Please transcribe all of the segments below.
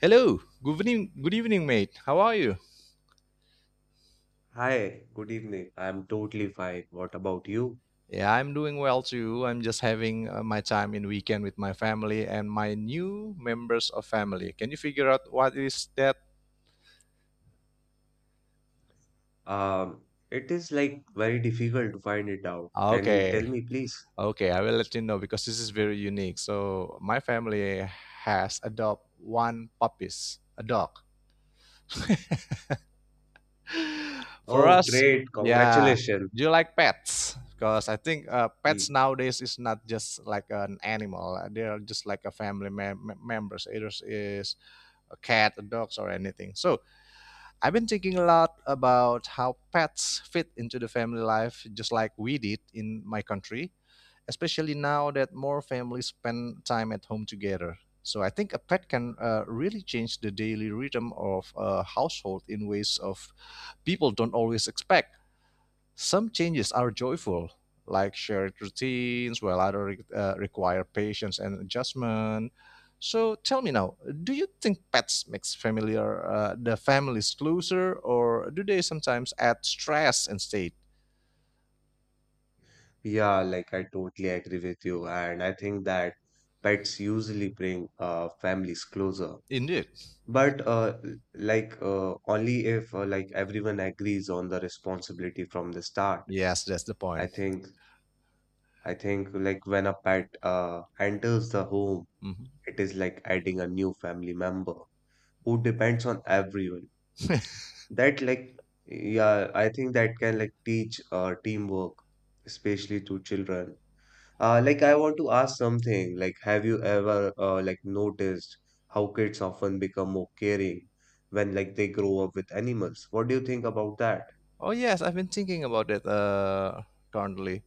Hello. Good evening. Good evening, mate. How are you? Hi, good evening. I'm totally fine. What about you? Yeah, I'm doing well too. I'm just having my time in weekend with my family and my new members of family. Can you figure out what is that? Um, it is like very difficult to find it out. Can you tell Okay. me, please? Okay, I will let you know because this is very unique. So, my family has adopt one puppies, a dog. For Oh, us, great. yeah. Congratulations. Do you like pets? Because I think pets Y- nowadays is not just like an animal. They are just like a family members. Either is a cat, a dogs, or anything. So I've been thinking a lot about how pets fit into the family life, just like we did in my country. Especially now that more families spend time at home together. So I think a pet can really change the daily rhythm of a household in ways of people don't always expect. Some changes are joyful, like shared routines, while others require patience and adjustment. So tell me now, do you think pets makes familiar the families closer, or do they sometimes add stress instead? Yeah, like I totally agree with you. And I think that pets usually bring families closer. Indeed. But like only if like everyone agrees on the responsibility from the start. Yes, that's the I point. think I think like when a pet enters the home. Mhm. It is like adding a new family member who depends on everyone. That like Yeah, I think that can like teach teamwork, especially to children. Like I want to ask something. Like, have you ever like noticed how kids often become more caring when like they grow up with animals? What do you think about that? Oh yes, I've been thinking about it currently,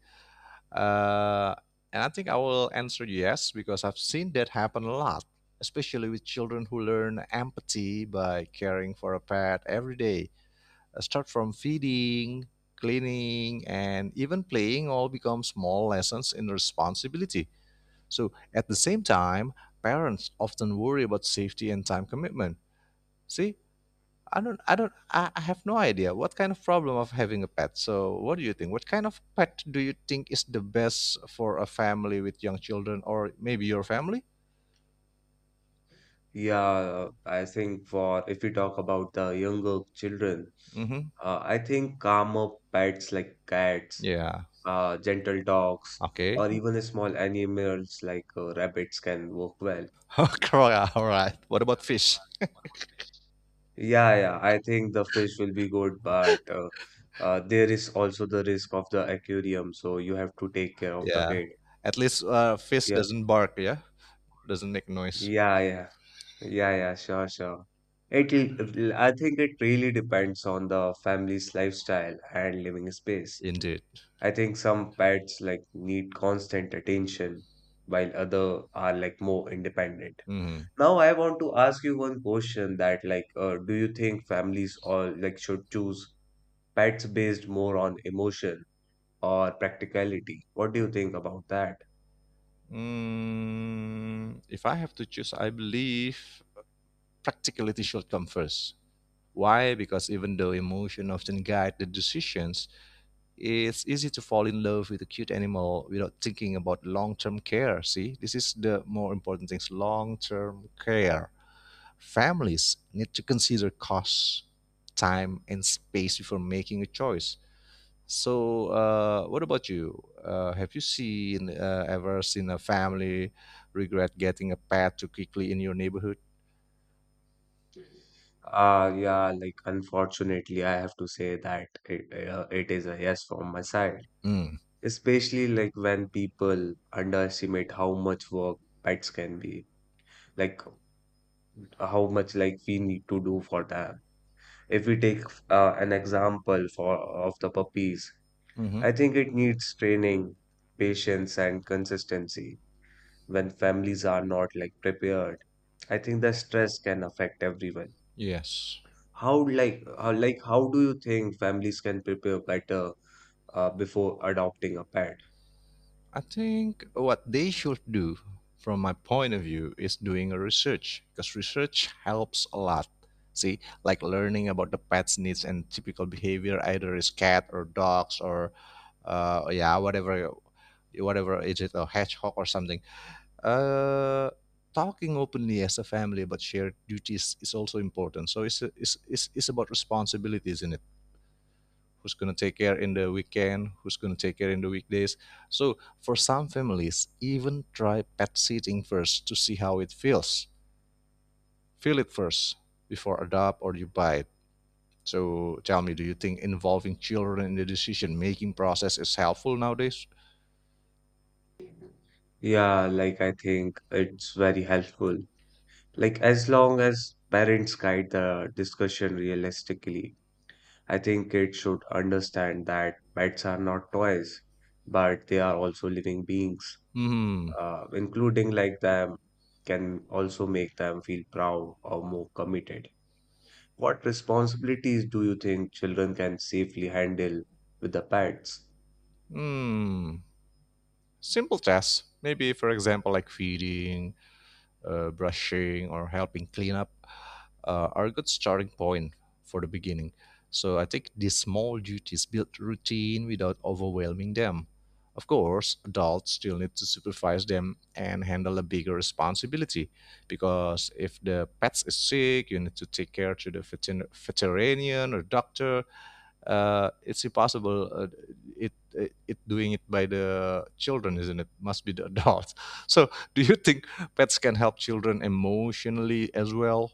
uh, and I think I will answer yes because I've seen that happen a lot, especially with children who learn empathy by caring for a pet every day. Start from feeding, cleaning, and even playing all become small lessons in responsibility. So at the same time, parents often worry about safety and time commitment. See, I don't, I don't, I have no idea what kind of problem of having a pet. So, what do you think? What kind of pet do you think is the best for a family with young children, or maybe your family? Yeah, I think for if we talk about the younger children, Mm-hmm. I think calmer pets like cats, Yeah. Gentle dogs, Okay. or even small animals like rabbits can work well. Crocodile, all right. What about fish? Yeah, yeah, I think the fish will be good, but there is also the risk of the aquarium, so you have to take care of the Yeah. kid. At least fish Yeah, doesn't bark. Yeah. Doesn't make noise. yeah, yeah, yeah, yeah, sure, sure. I think it really depends on the family's lifestyle and living space. Indeed. I think some pets like need constant attention, while other are like more independent. Mm-hmm. Now I want to ask you one question that like, do you think families or like should choose pets based more on emotion or practicality? What do you think about that? Mm, if I have to choose, I believe practicality should come first. Why? Because even though emotion often guide the decisions, it's easy to fall in love with a cute animal without thinking about long-term care. See, this is the more important things, long-term care. Families need to consider costs, time and space before making a choice. So what about you, have you seen ever seen a family regret getting a pet too quickly in your neighborhood? Yeah, like unfortunately I have to say that it is a yes from my side. mm. Especially like when people underestimate how much work pets can be, like how much like we need to do for them. If we take an example for of the puppies. hmm I think it needs training, patience, and consistency. When families are not like prepared, I think the stress can affect everyone. yes, How do you think families can prepare better before adopting a pet? I think what they should do, from my point of view, is doing a research because research helps a lot. See, like learning about the pet's needs and typical behavior, either is cat or dogs or, yeah, whatever, whatever is it a hedgehog or something. Uh, Talking openly as a family about shared duties is also important. So it's about responsibilities, isn't it? Who's going to take care in the weekend, who's going to take care in the weekdays. So for some families, even try pet sitting first to see how it feels. Feel it first before adopt or you buy it. So tell me, do you think involving children in the decision making process is helpful nowadays? Yeah, like I think it's very helpful. Like as long as parents guide the discussion realistically, I think kids should understand that pets are not toys, but they are also living beings, Hmm. Including like them, can also make them feel proud or more committed. What responsibilities do you think children can safely handle with the pets? Hmm. Simple tasks. Maybe, for example, like feeding, brushing, or helping clean up are a good starting point for the beginning. So I think these small duties build routine without overwhelming them. Of course, adults still need to supervise them and handle a bigger responsibility, because if the pet is sick, you need to take care to the veterinarian or doctor. It's impossible. It doing it by the children, isn't it? Must be the adults. So, do you think pets can help children emotionally as well?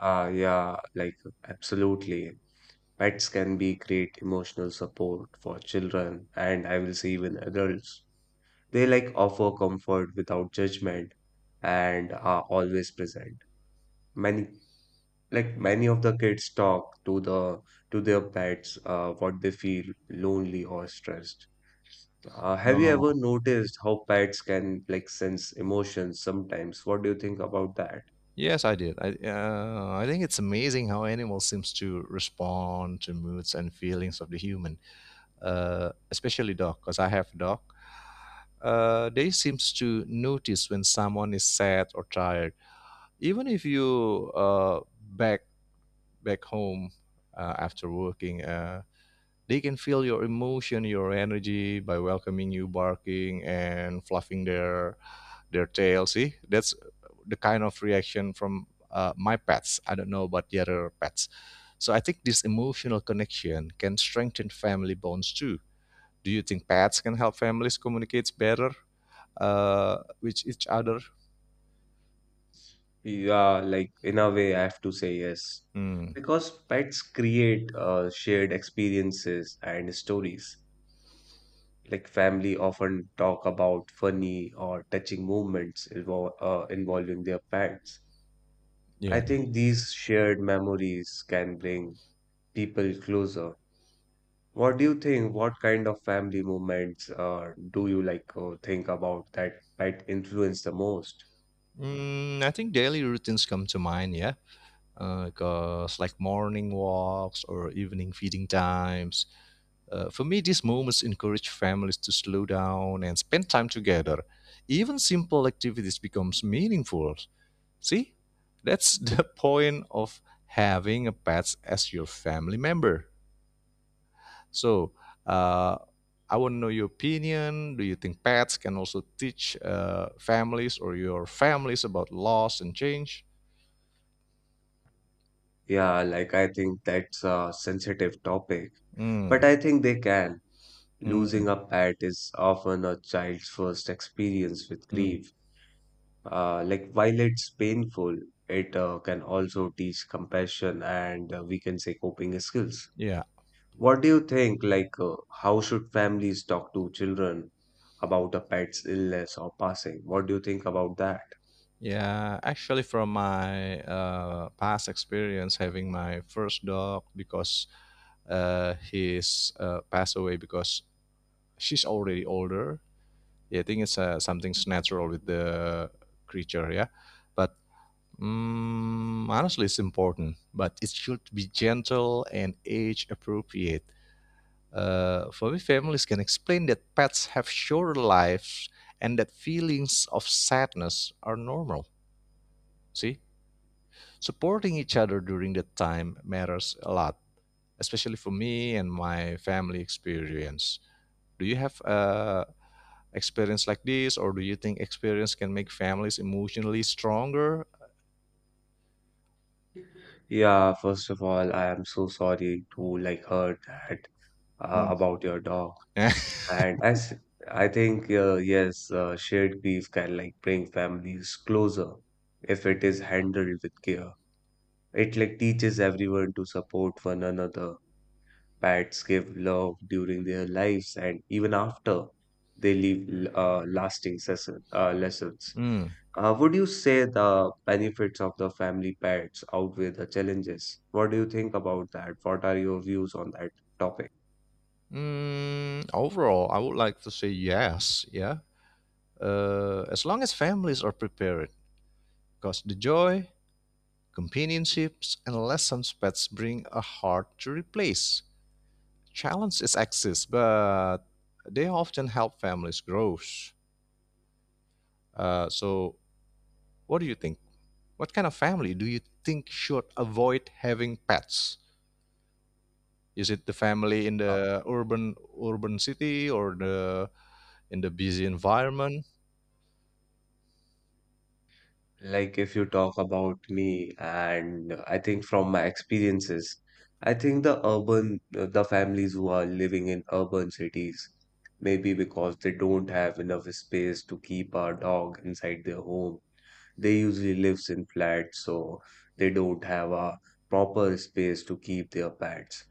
Ah, yeah, like absolutely. Pets can be great emotional support for children, and I will say even adults. They like offer comfort without judgment and are always present. Many Like many of the kids talk to the to their pets what they feel lonely or stressed. Have you No. ever noticed how pets can like sense emotions sometimes? What do you think about that? Yes, I did. I think it's amazing how animals seems to respond to moods and feelings of the human, especially dog, because I have a dog. They seems to notice when someone is sad or tired, even if you back back home after working. They can feel your emotion, your energy by welcoming you, barking, and fluffing their TLC. That's the kind of reaction from my pets. I don't know about the other pets. So I think this emotional connection can strengthen family bonds too. Do you think pets can help families communicate better with each other? Yeah, like in a way, I have to say yes. Hmm, Because pets create shared experiences and stories. Like family often talk about funny or touching moments involving their pets. I yeah. think these shared memories can bring people closer. What do you think? What kind of family moments do you like think about that influence the most? Mm, I think daily routines come to mind, yeah. Because like morning walks or evening feeding times, for me, these moments encourage families to slow down and spend time together. Even simple activities becomes meaningful. See, that's the point of having a pet as your family member. So, uh, I want to know your opinion. Do you think pets can also teach families or your families about loss and change? Yeah, like I think that's a sensitive topic, Mm, but I think they can. mm, Losing a pet is often a child's first experience with mm. grief. Like while it's painful, it can also teach compassion and, we can say, coping skills. Yeah. What do you think? Like, how should families talk to children about a pet's illness or passing? What do you think about that? Yeah, actually, from my past experience having my first dog, because he's passed away because she's already older. Yeah, I think it's something's natural with the creature. Yeah, but mm, honestly, it's important, but it should be gentle and age appropriate. For me, families can explain that pets have shorter lives and that feelings of sadness are normal. See, supporting each other during that time matters a lot, especially for me and my family experience. Do you have experience like this, or do you think experience can make families emotionally stronger? Yeah, first of all, I am so sorry to like heard that Mm. about your dog. And as I think, yes, shared grief can like bring families closer if it is handled with care. It like teaches everyone to support one another. Pets give love during their lives, and even after they leave lasting session, lessons. Mm. Would you say the benefits of the family pets outweigh the challenges? What do you think about that? What are your views on that topic? Mm, overall, I would like to say yes. Yeah. As long as families are prepared, because the joy, companionships and lessons pets bring are hard to replace. Challenges exist, but they often help families grow. So, what do you think? What kind of family do you think should avoid having pets? Is it the family in the urban city or the in the busy environment? Like if you talk about me, and I think from my experiences, I think the families who are living in urban cities, maybe because they don't have enough space to keep our dog inside their home. They usually lives in flats, so they don't have a proper space to keep their pets.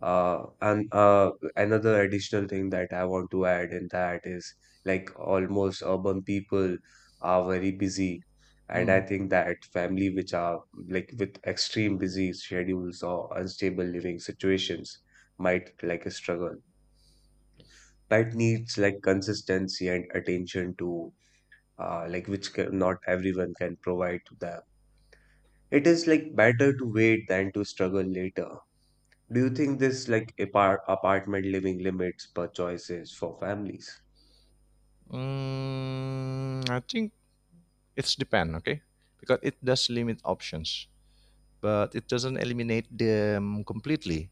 And another additional thing that I want to add in that is like almost urban people are very busy. And I Mm. think that family which are like with extreme busy schedules or unstable living situations might like struggle. That needs like consistency and attention to, like, which can, not everyone can provide to them. It is like better to wait than to struggle later. Do you think this like apartment living limits per choices for families? Mm, I think it's depend, okay, because it does limit options, but it doesn't eliminate them completely.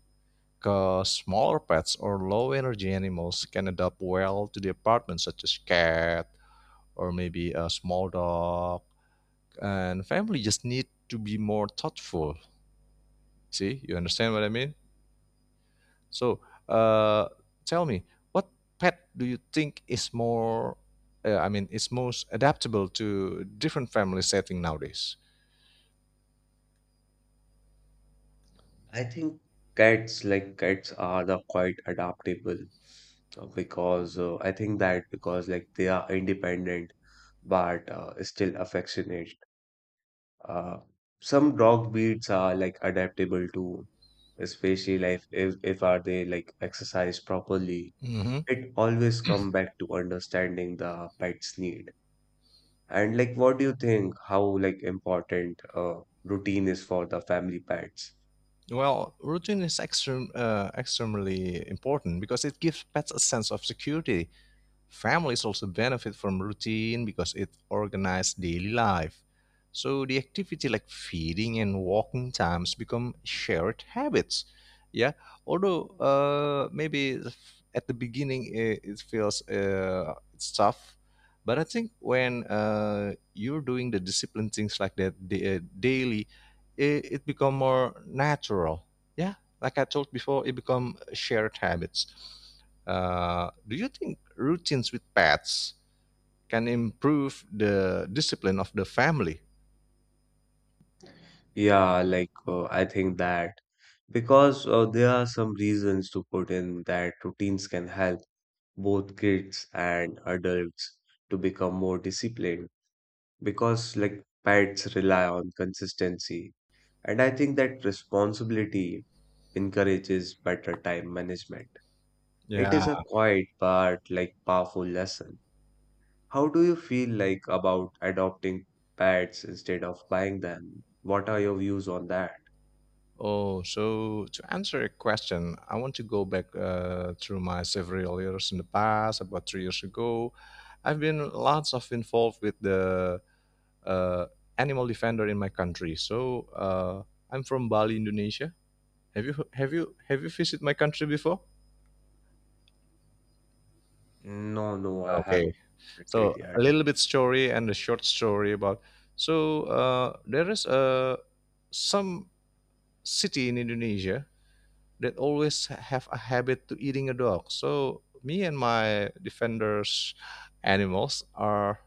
Smaller pets or low energy animals can adapt well to the apartment, such as cat or maybe a small dog. And family just need to be more thoughtful. See, you understand what I mean? So, uh, tell me, what pet do you think is more, I mean, is most adaptable to different family setting nowadays? I think cats like cats are the quite adaptable, because I think that because like they are independent but still affectionate. Uh, some dog breeds are like adaptable to, especially like if are they like exercise properly. Mhm. It always come back to understanding the pet's need. And like, what do you think how like important, routine is for the family pets? Well, routine is extremely important because it gives pets a sense of security. Families also benefit from routine because it organizes daily life. So the activity like feeding and walking times become shared habits. Yeah, although maybe at the beginning it feels it's tough, but I think when you're doing the discipline things like that daily, it become more natural. Yeah, like I told before, it become shared habits. Do you think routines with pets can improve the discipline of the family? Yeah, like I think that because there are some reasons to put in that routines can help both kids and adults to become more disciplined because like pets rely on consistency. And I think that responsibility encourages better time management. It Yeah. is a quiet but like powerful lesson. How do you feel like about adopting pets instead of buying them? What are your views on that? Oh, so to answer your question, I want to go back through my several years in the past. About three years ago, I've been lots of involved with the uh, animal defender in my country. So I'm from Bali, Indonesia. Have you visited my country before? No, no, I haven't Okay. visited So a yet. little bit story and a short story about. So there is a some city in Indonesia that always have a habit to eating a dog. So me and my defenders animals are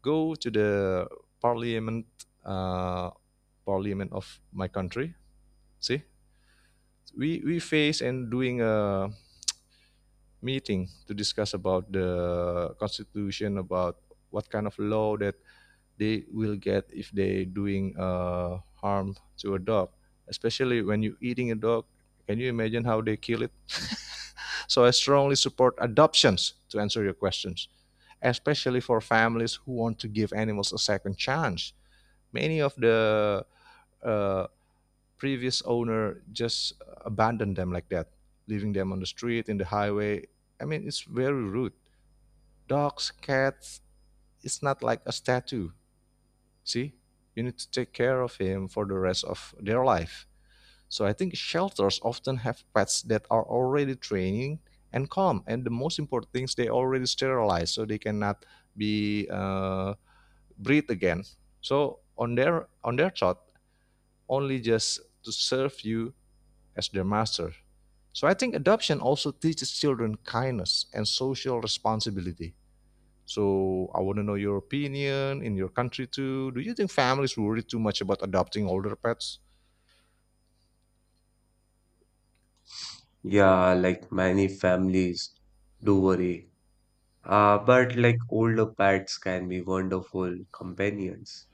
go to the parliament, uh, parliament of my country. See, we face and doing a meeting to discuss about the constitution about what kind of law that they will get if they doing harm to a dog, especially when you eating a dog. Can you imagine how they kill it? so I strongly support adoptions to answer your questions, especially for families who want to give animals a second chance. Many of the uh, previous owner just abandoned them like that, leaving them on the street in the highway. I mean, it's very rude. Dogs, cats, it's not like a statue. See, you need to take care of him for the rest of their life. So I think shelters often have pets that are already training and calm. And the most important things, they already sterilize, so they cannot be breed again. So on their thought, only just to serve you as their master. So I think adoption also teaches children kindness and social responsibility. So I want to know your opinion in your country too. Do you think families worry too much about adopting older pets? Yeah, like many families do worry. But like older pets can be wonderful companions.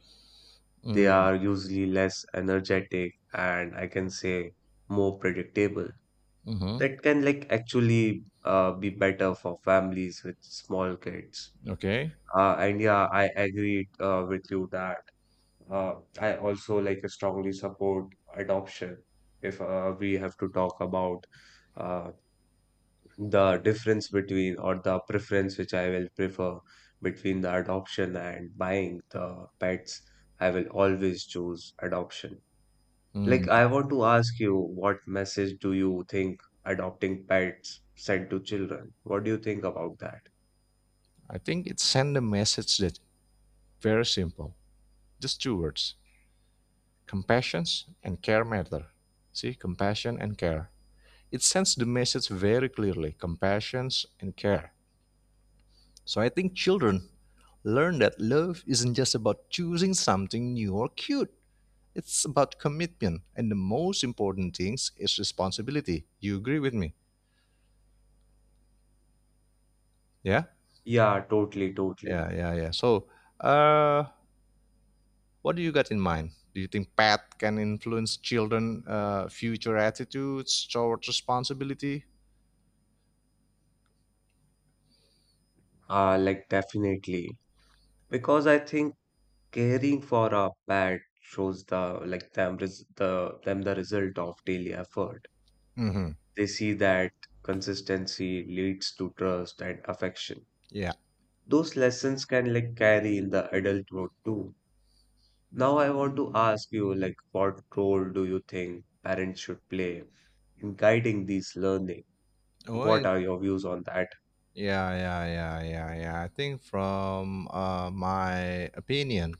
They Mm, are usually less energetic, and I can say more predictable. mm-hmm. That can like actually be better for families with small kids. Okay. And yeah, I agree with you that, I also like strongly support adoption. If, we have to talk about uh, the difference between or the preference which I will prefer between the adoption and buying the pets, I will always choose adoption. Mm. Like, I want to ask you, what message do you think adopting pets send to children? What do you think about that? I think it sends a message that very simple, just two words: compassion and care matter. See, compassion and care. It sends the message very clearly: compassion and care. So I think children learn that love isn't just about choosing something new or cute. It's about commitment, and the most important things is responsibility. You agree with me? Yeah, Yeah, totally, totally. yeah, yeah, yeah. So, uh, what do you got in mind? Do you think pet can influence children' future attitudes towards responsibility? Like, definitely. Because I think caring for a pet shows like them res the the result of daily effort. Mm-hmm. They see that consistency leads to trust and affection. Yeah. Those lessons can like carry in the adult world too. Now I want to ask you, like, what role do you think parents should play in guiding these learning? Oh, yeah, What are your views on that? yeah, yeah, yeah, yeah, yeah. I think from my opinion,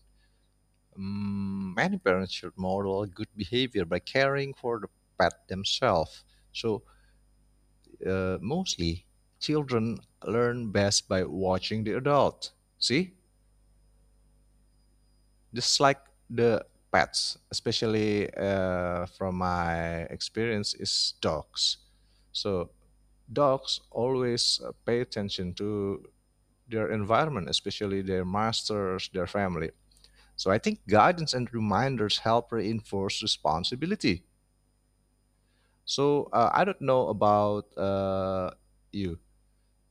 Many parents should model good behavior by caring for the pet themselves. So, mostly, children learn best by watching the adult. See, just like the pets, especially from my experience, is dogs. So, dogs always pay attention to their environment, especially their masters, their family. So, I think guidance and reminders help reinforce responsibility. So I don't know about you.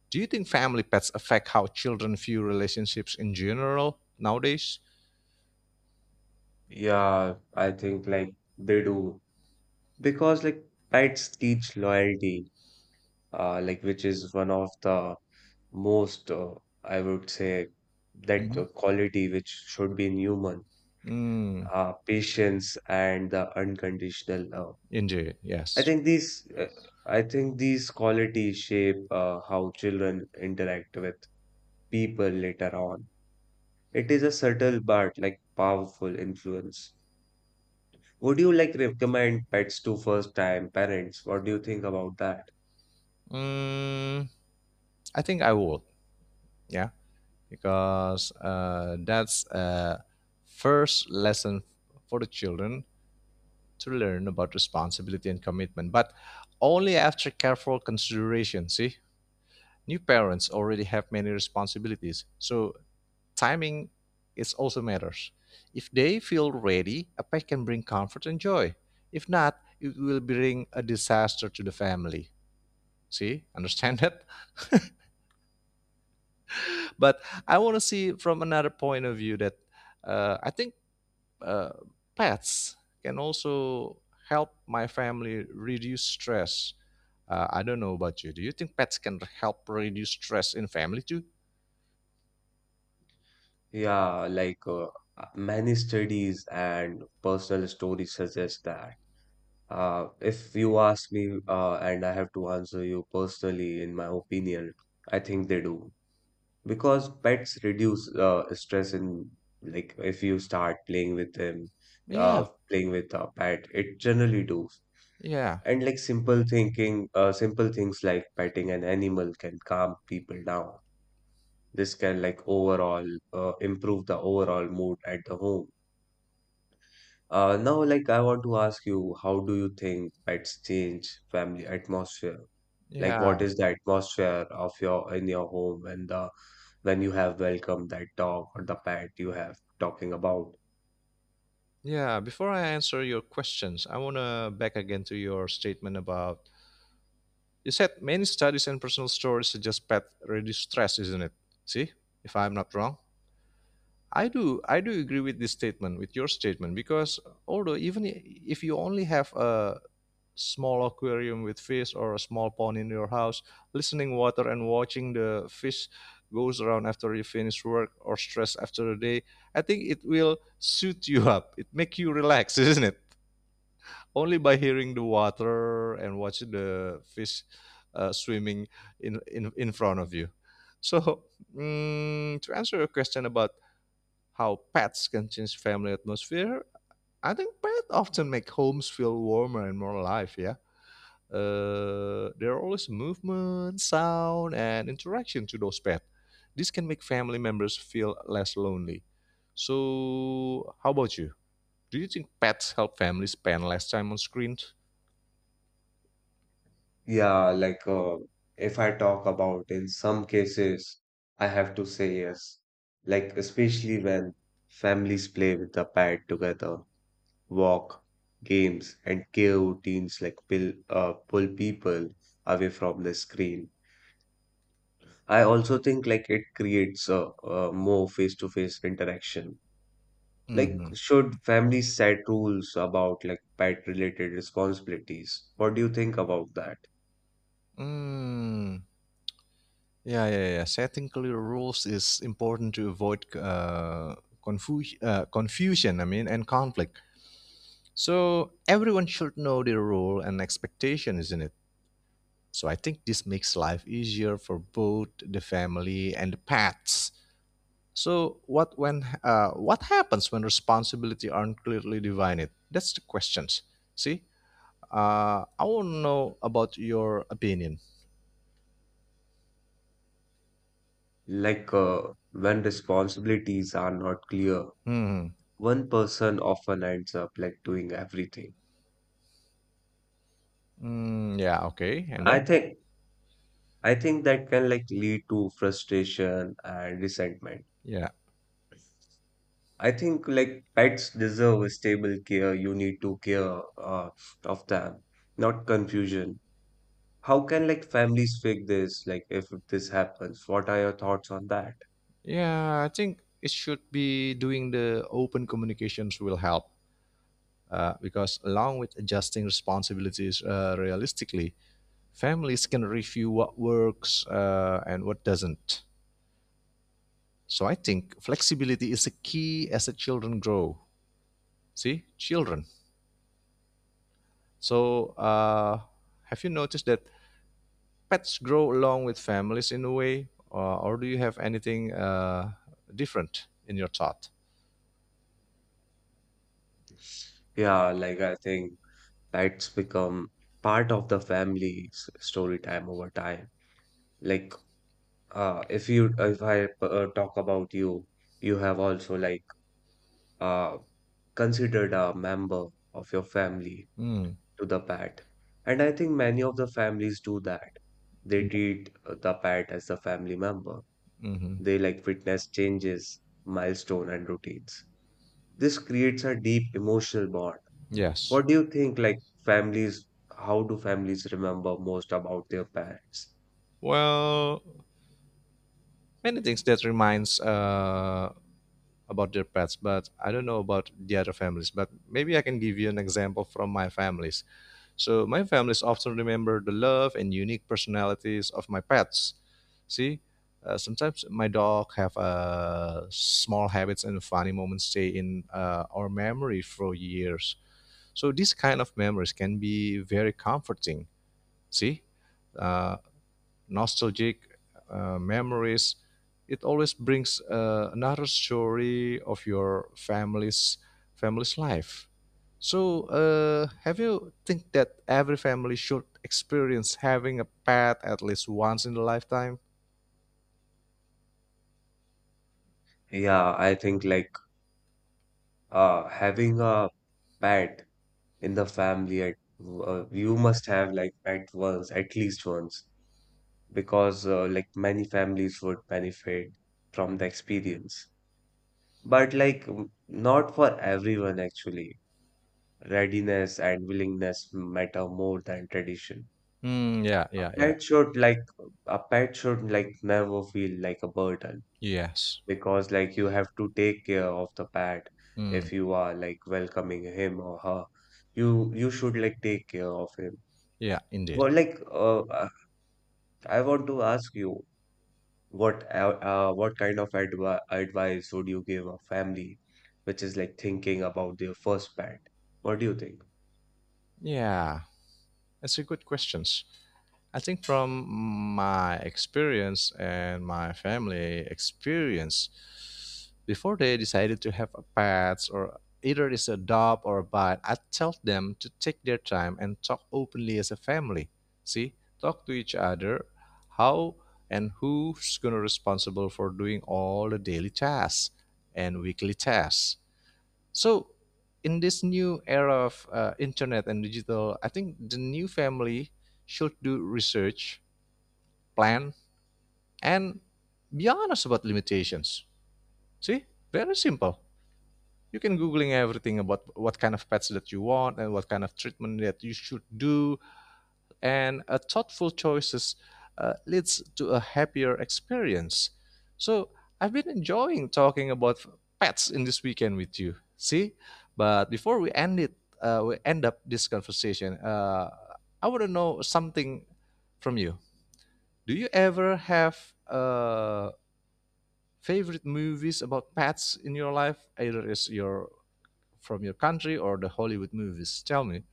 Do you think family pets affect how children view relationships in general nowadays? Yeah, I think like they do. Because like pets teach loyalty, like, which is one of the most, I would say, that Mm-hmm. Quality which should be in human, Mm, patience and the unconditional love. indeed, I yes. think these, uh, I think these qualities shape how children interact with people later on. It is a subtle but like powerful influence. Would you like recommend pets to first time parents? What do you think about that? Mm, I think I would. Yeah. Because that's a first lesson for the children to learn about responsibility and commitment, but only after careful consideration. See, new parents already have many responsibilities, so timing is also matters. If they feel ready, a pet can bring comfort and joy. If not, it will bring a disaster to the family. See, understand that? But I want to see from another point of view that I think uh, pets can also help my family reduce stress. I don't know about you. Do you think pets can help reduce stress in family too? Yeah, like many studies and personal stories suggest that. If you ask me, and I have to answer you personally, in my opinion, I think they do. Because pets reduce stress in, like, if you start playing with them, Yeah. Playing with a pet, it generally do. Yeah, And like simple things like petting an animal can calm people down. This can like overall improve the overall mood at the home. Now, like, I want to ask you, how do you think pets change family atmosphere? Like, what yeah, is the atmosphere of your in your home when the when you have welcomed that dog or the pet you have talking about? yeah. Before I answer your questions, I want to back again to your statement about you said many studies and personal stories suggest pet reduce stress, isn't it? See, if I'm not wrong. I do agree with this statement, with your statement, because although even if you only have a small aquarium with fish or a small pond in your house, listening water and watching the fish goes around after you finish work or stress after the day, I think it will suit you up. It make you relax, isn't it? Only by hearing the water and watching the fish swimming in front of you. So mm, to answer your question about how pets can change family atmosphere, I think pets often make homes feel warmer and more alive. Yeah. There are always movement, sound, and interaction to those pets. This can make family members feel less lonely. So, how about you? Do you think pets help families spend less time on screens? Yeah, like, if I talk about in some cases, I have to say yes. Like, especially when families play with the pet together, walk, games, and care routines like pull people away from the screen. I also think like it creates a more face-to-face interaction. Like, Mm-hmm. should families set rules about like pet-related responsibilities? What do you think about that? Mm. Yeah, yeah, yeah. Setting clear rules is important to avoid confusion. I mean, and conflict. So everyone should know their role and expectation, isn't it? So I think this makes life easier for both the family and the pets. So what when what happens when responsibility aren't clearly divided? That's the questions. See, I want to know about your opinion. Like, when responsibilities are not clear, Hmm. one person often ends up like doing everything. Mm, yeah. Okay. And I then think I think that can like lead to frustration and resentment. yeah, I think like pets deserve a stable care. You need to care, of them, not confusion. How can like families fix this? Like if this happens, what are your thoughts on that? yeah. I think it should be doing the open communications will help because along with adjusting responsibilities realistically, families can review what works and what doesn't. So I think flexibility is a key as the children grow. See, children. So have you noticed that pets grow along with families in a way, or do you have anything different in your thought? Yeah, like I think pets become part of the family's story time over time. Like if you if I talk about you, you have also like uh, considered a member of your family Mm. to the pet. And I think many of the families do that. They treat the pet as a family member. Mm-hmm. They like witness changes, milestone, and routines. This creates a deep emotional bond. Yes. What do you think, like families, how do families remember most about their parents? Well, many things that reminds about their pets, but I don't know about the other families. But maybe I can give you an example from my families. So my families often remember the love and unique personalities of my pets. See, sometimes my dog have small habits and funny moments stay in our memory for years. So these kind of memories can be very comforting. See, uh, nostalgic memories. It always brings another story of your family's life. So, have you think that every family should experience having a pet at least once in the lifetime? Yeah, I think like having a pet in the family, you must have like pet once, at least once. Because like many families would benefit from the experience. But like not for everyone actually. Readiness and willingness matter more than tradition. Mm, yeah, A yeah, yeah. pet should like a pet should like never feel like a burden, Yes. because like you have to take care of the pet Mm, if you are like welcoming him or her. You should like take care of him. yeah, indeed. Well, like I want to ask you, What uh, what kind of advice would you give a family which is like thinking about their first pet? What do you think? Yeah, that's a good questions. I think from my experience and my family experience, before they decided to have a pets or either it's a dog or a bite, I tell them to take their time and talk openly as a family. See, talk to each other, how and who's gonna responsible for doing all the daily tasks and weekly tasks so, in this new era of internet and digital, I think the new family should do research, plan, and be honest about limitations. See, very simple. You can googling everything about what kind of pets that you want and what kind of treatment that you should do and a thoughtful choices leads to a happier experience. So I've been enjoying talking about pets in this weekend with you. See, but before we end it, we end up this conversation. I want to know something from you. Do you ever have favorite movies about pets in your life? Either is your from your country or the Hollywood movies. Tell me.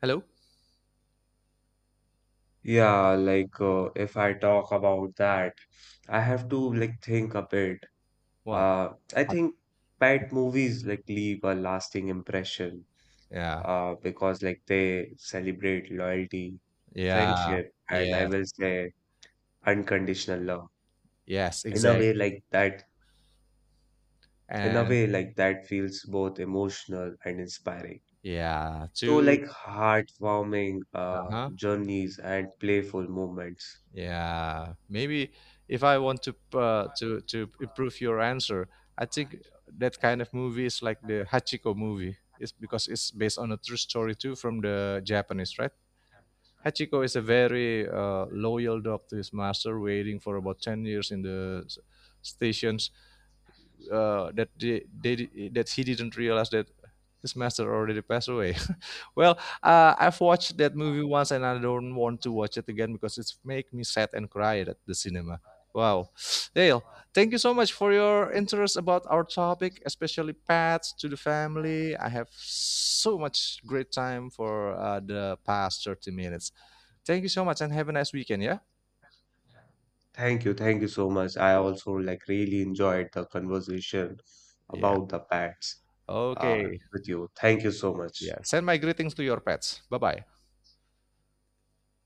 Hello. Yeah, like if I talk about that, I have to like think a bit. What? Uh, I think pet movies like leave a lasting impression Yeah. Because like they celebrate loyalty, Yeah. friendship, and I Yeah. will say unconditional love Yes, in a way exactly. like that. In a And way like that feels both emotional and inspiring. yeah, So to like heartwarming uh-huh. journeys and playful moments. Yeah. Maybe if I want to to improve your answer, I think that kind of movie is like the Hachiko movie. It's because it's based on a true story too from the Japanese, right? Hachiko is a very loyal dog to his master, waiting for about 10 years in the station that they that he didn't realize that his master already passed away. Well, I've watched that movie once and I don't want to watch it again because it's make me sad and cry at the cinema. Wow, Dale, thank you so much for your interest about our topic, especially pets to the family. I have so much great time for the past 30 minutes. Thank you so much and have a nice weekend. Yeah. Thank you so much. I also like really enjoyed the conversation Yeah. about the pets uh, Okay. with you. Thank you so much. Yeah. Send my greetings to your pets. Bye bye.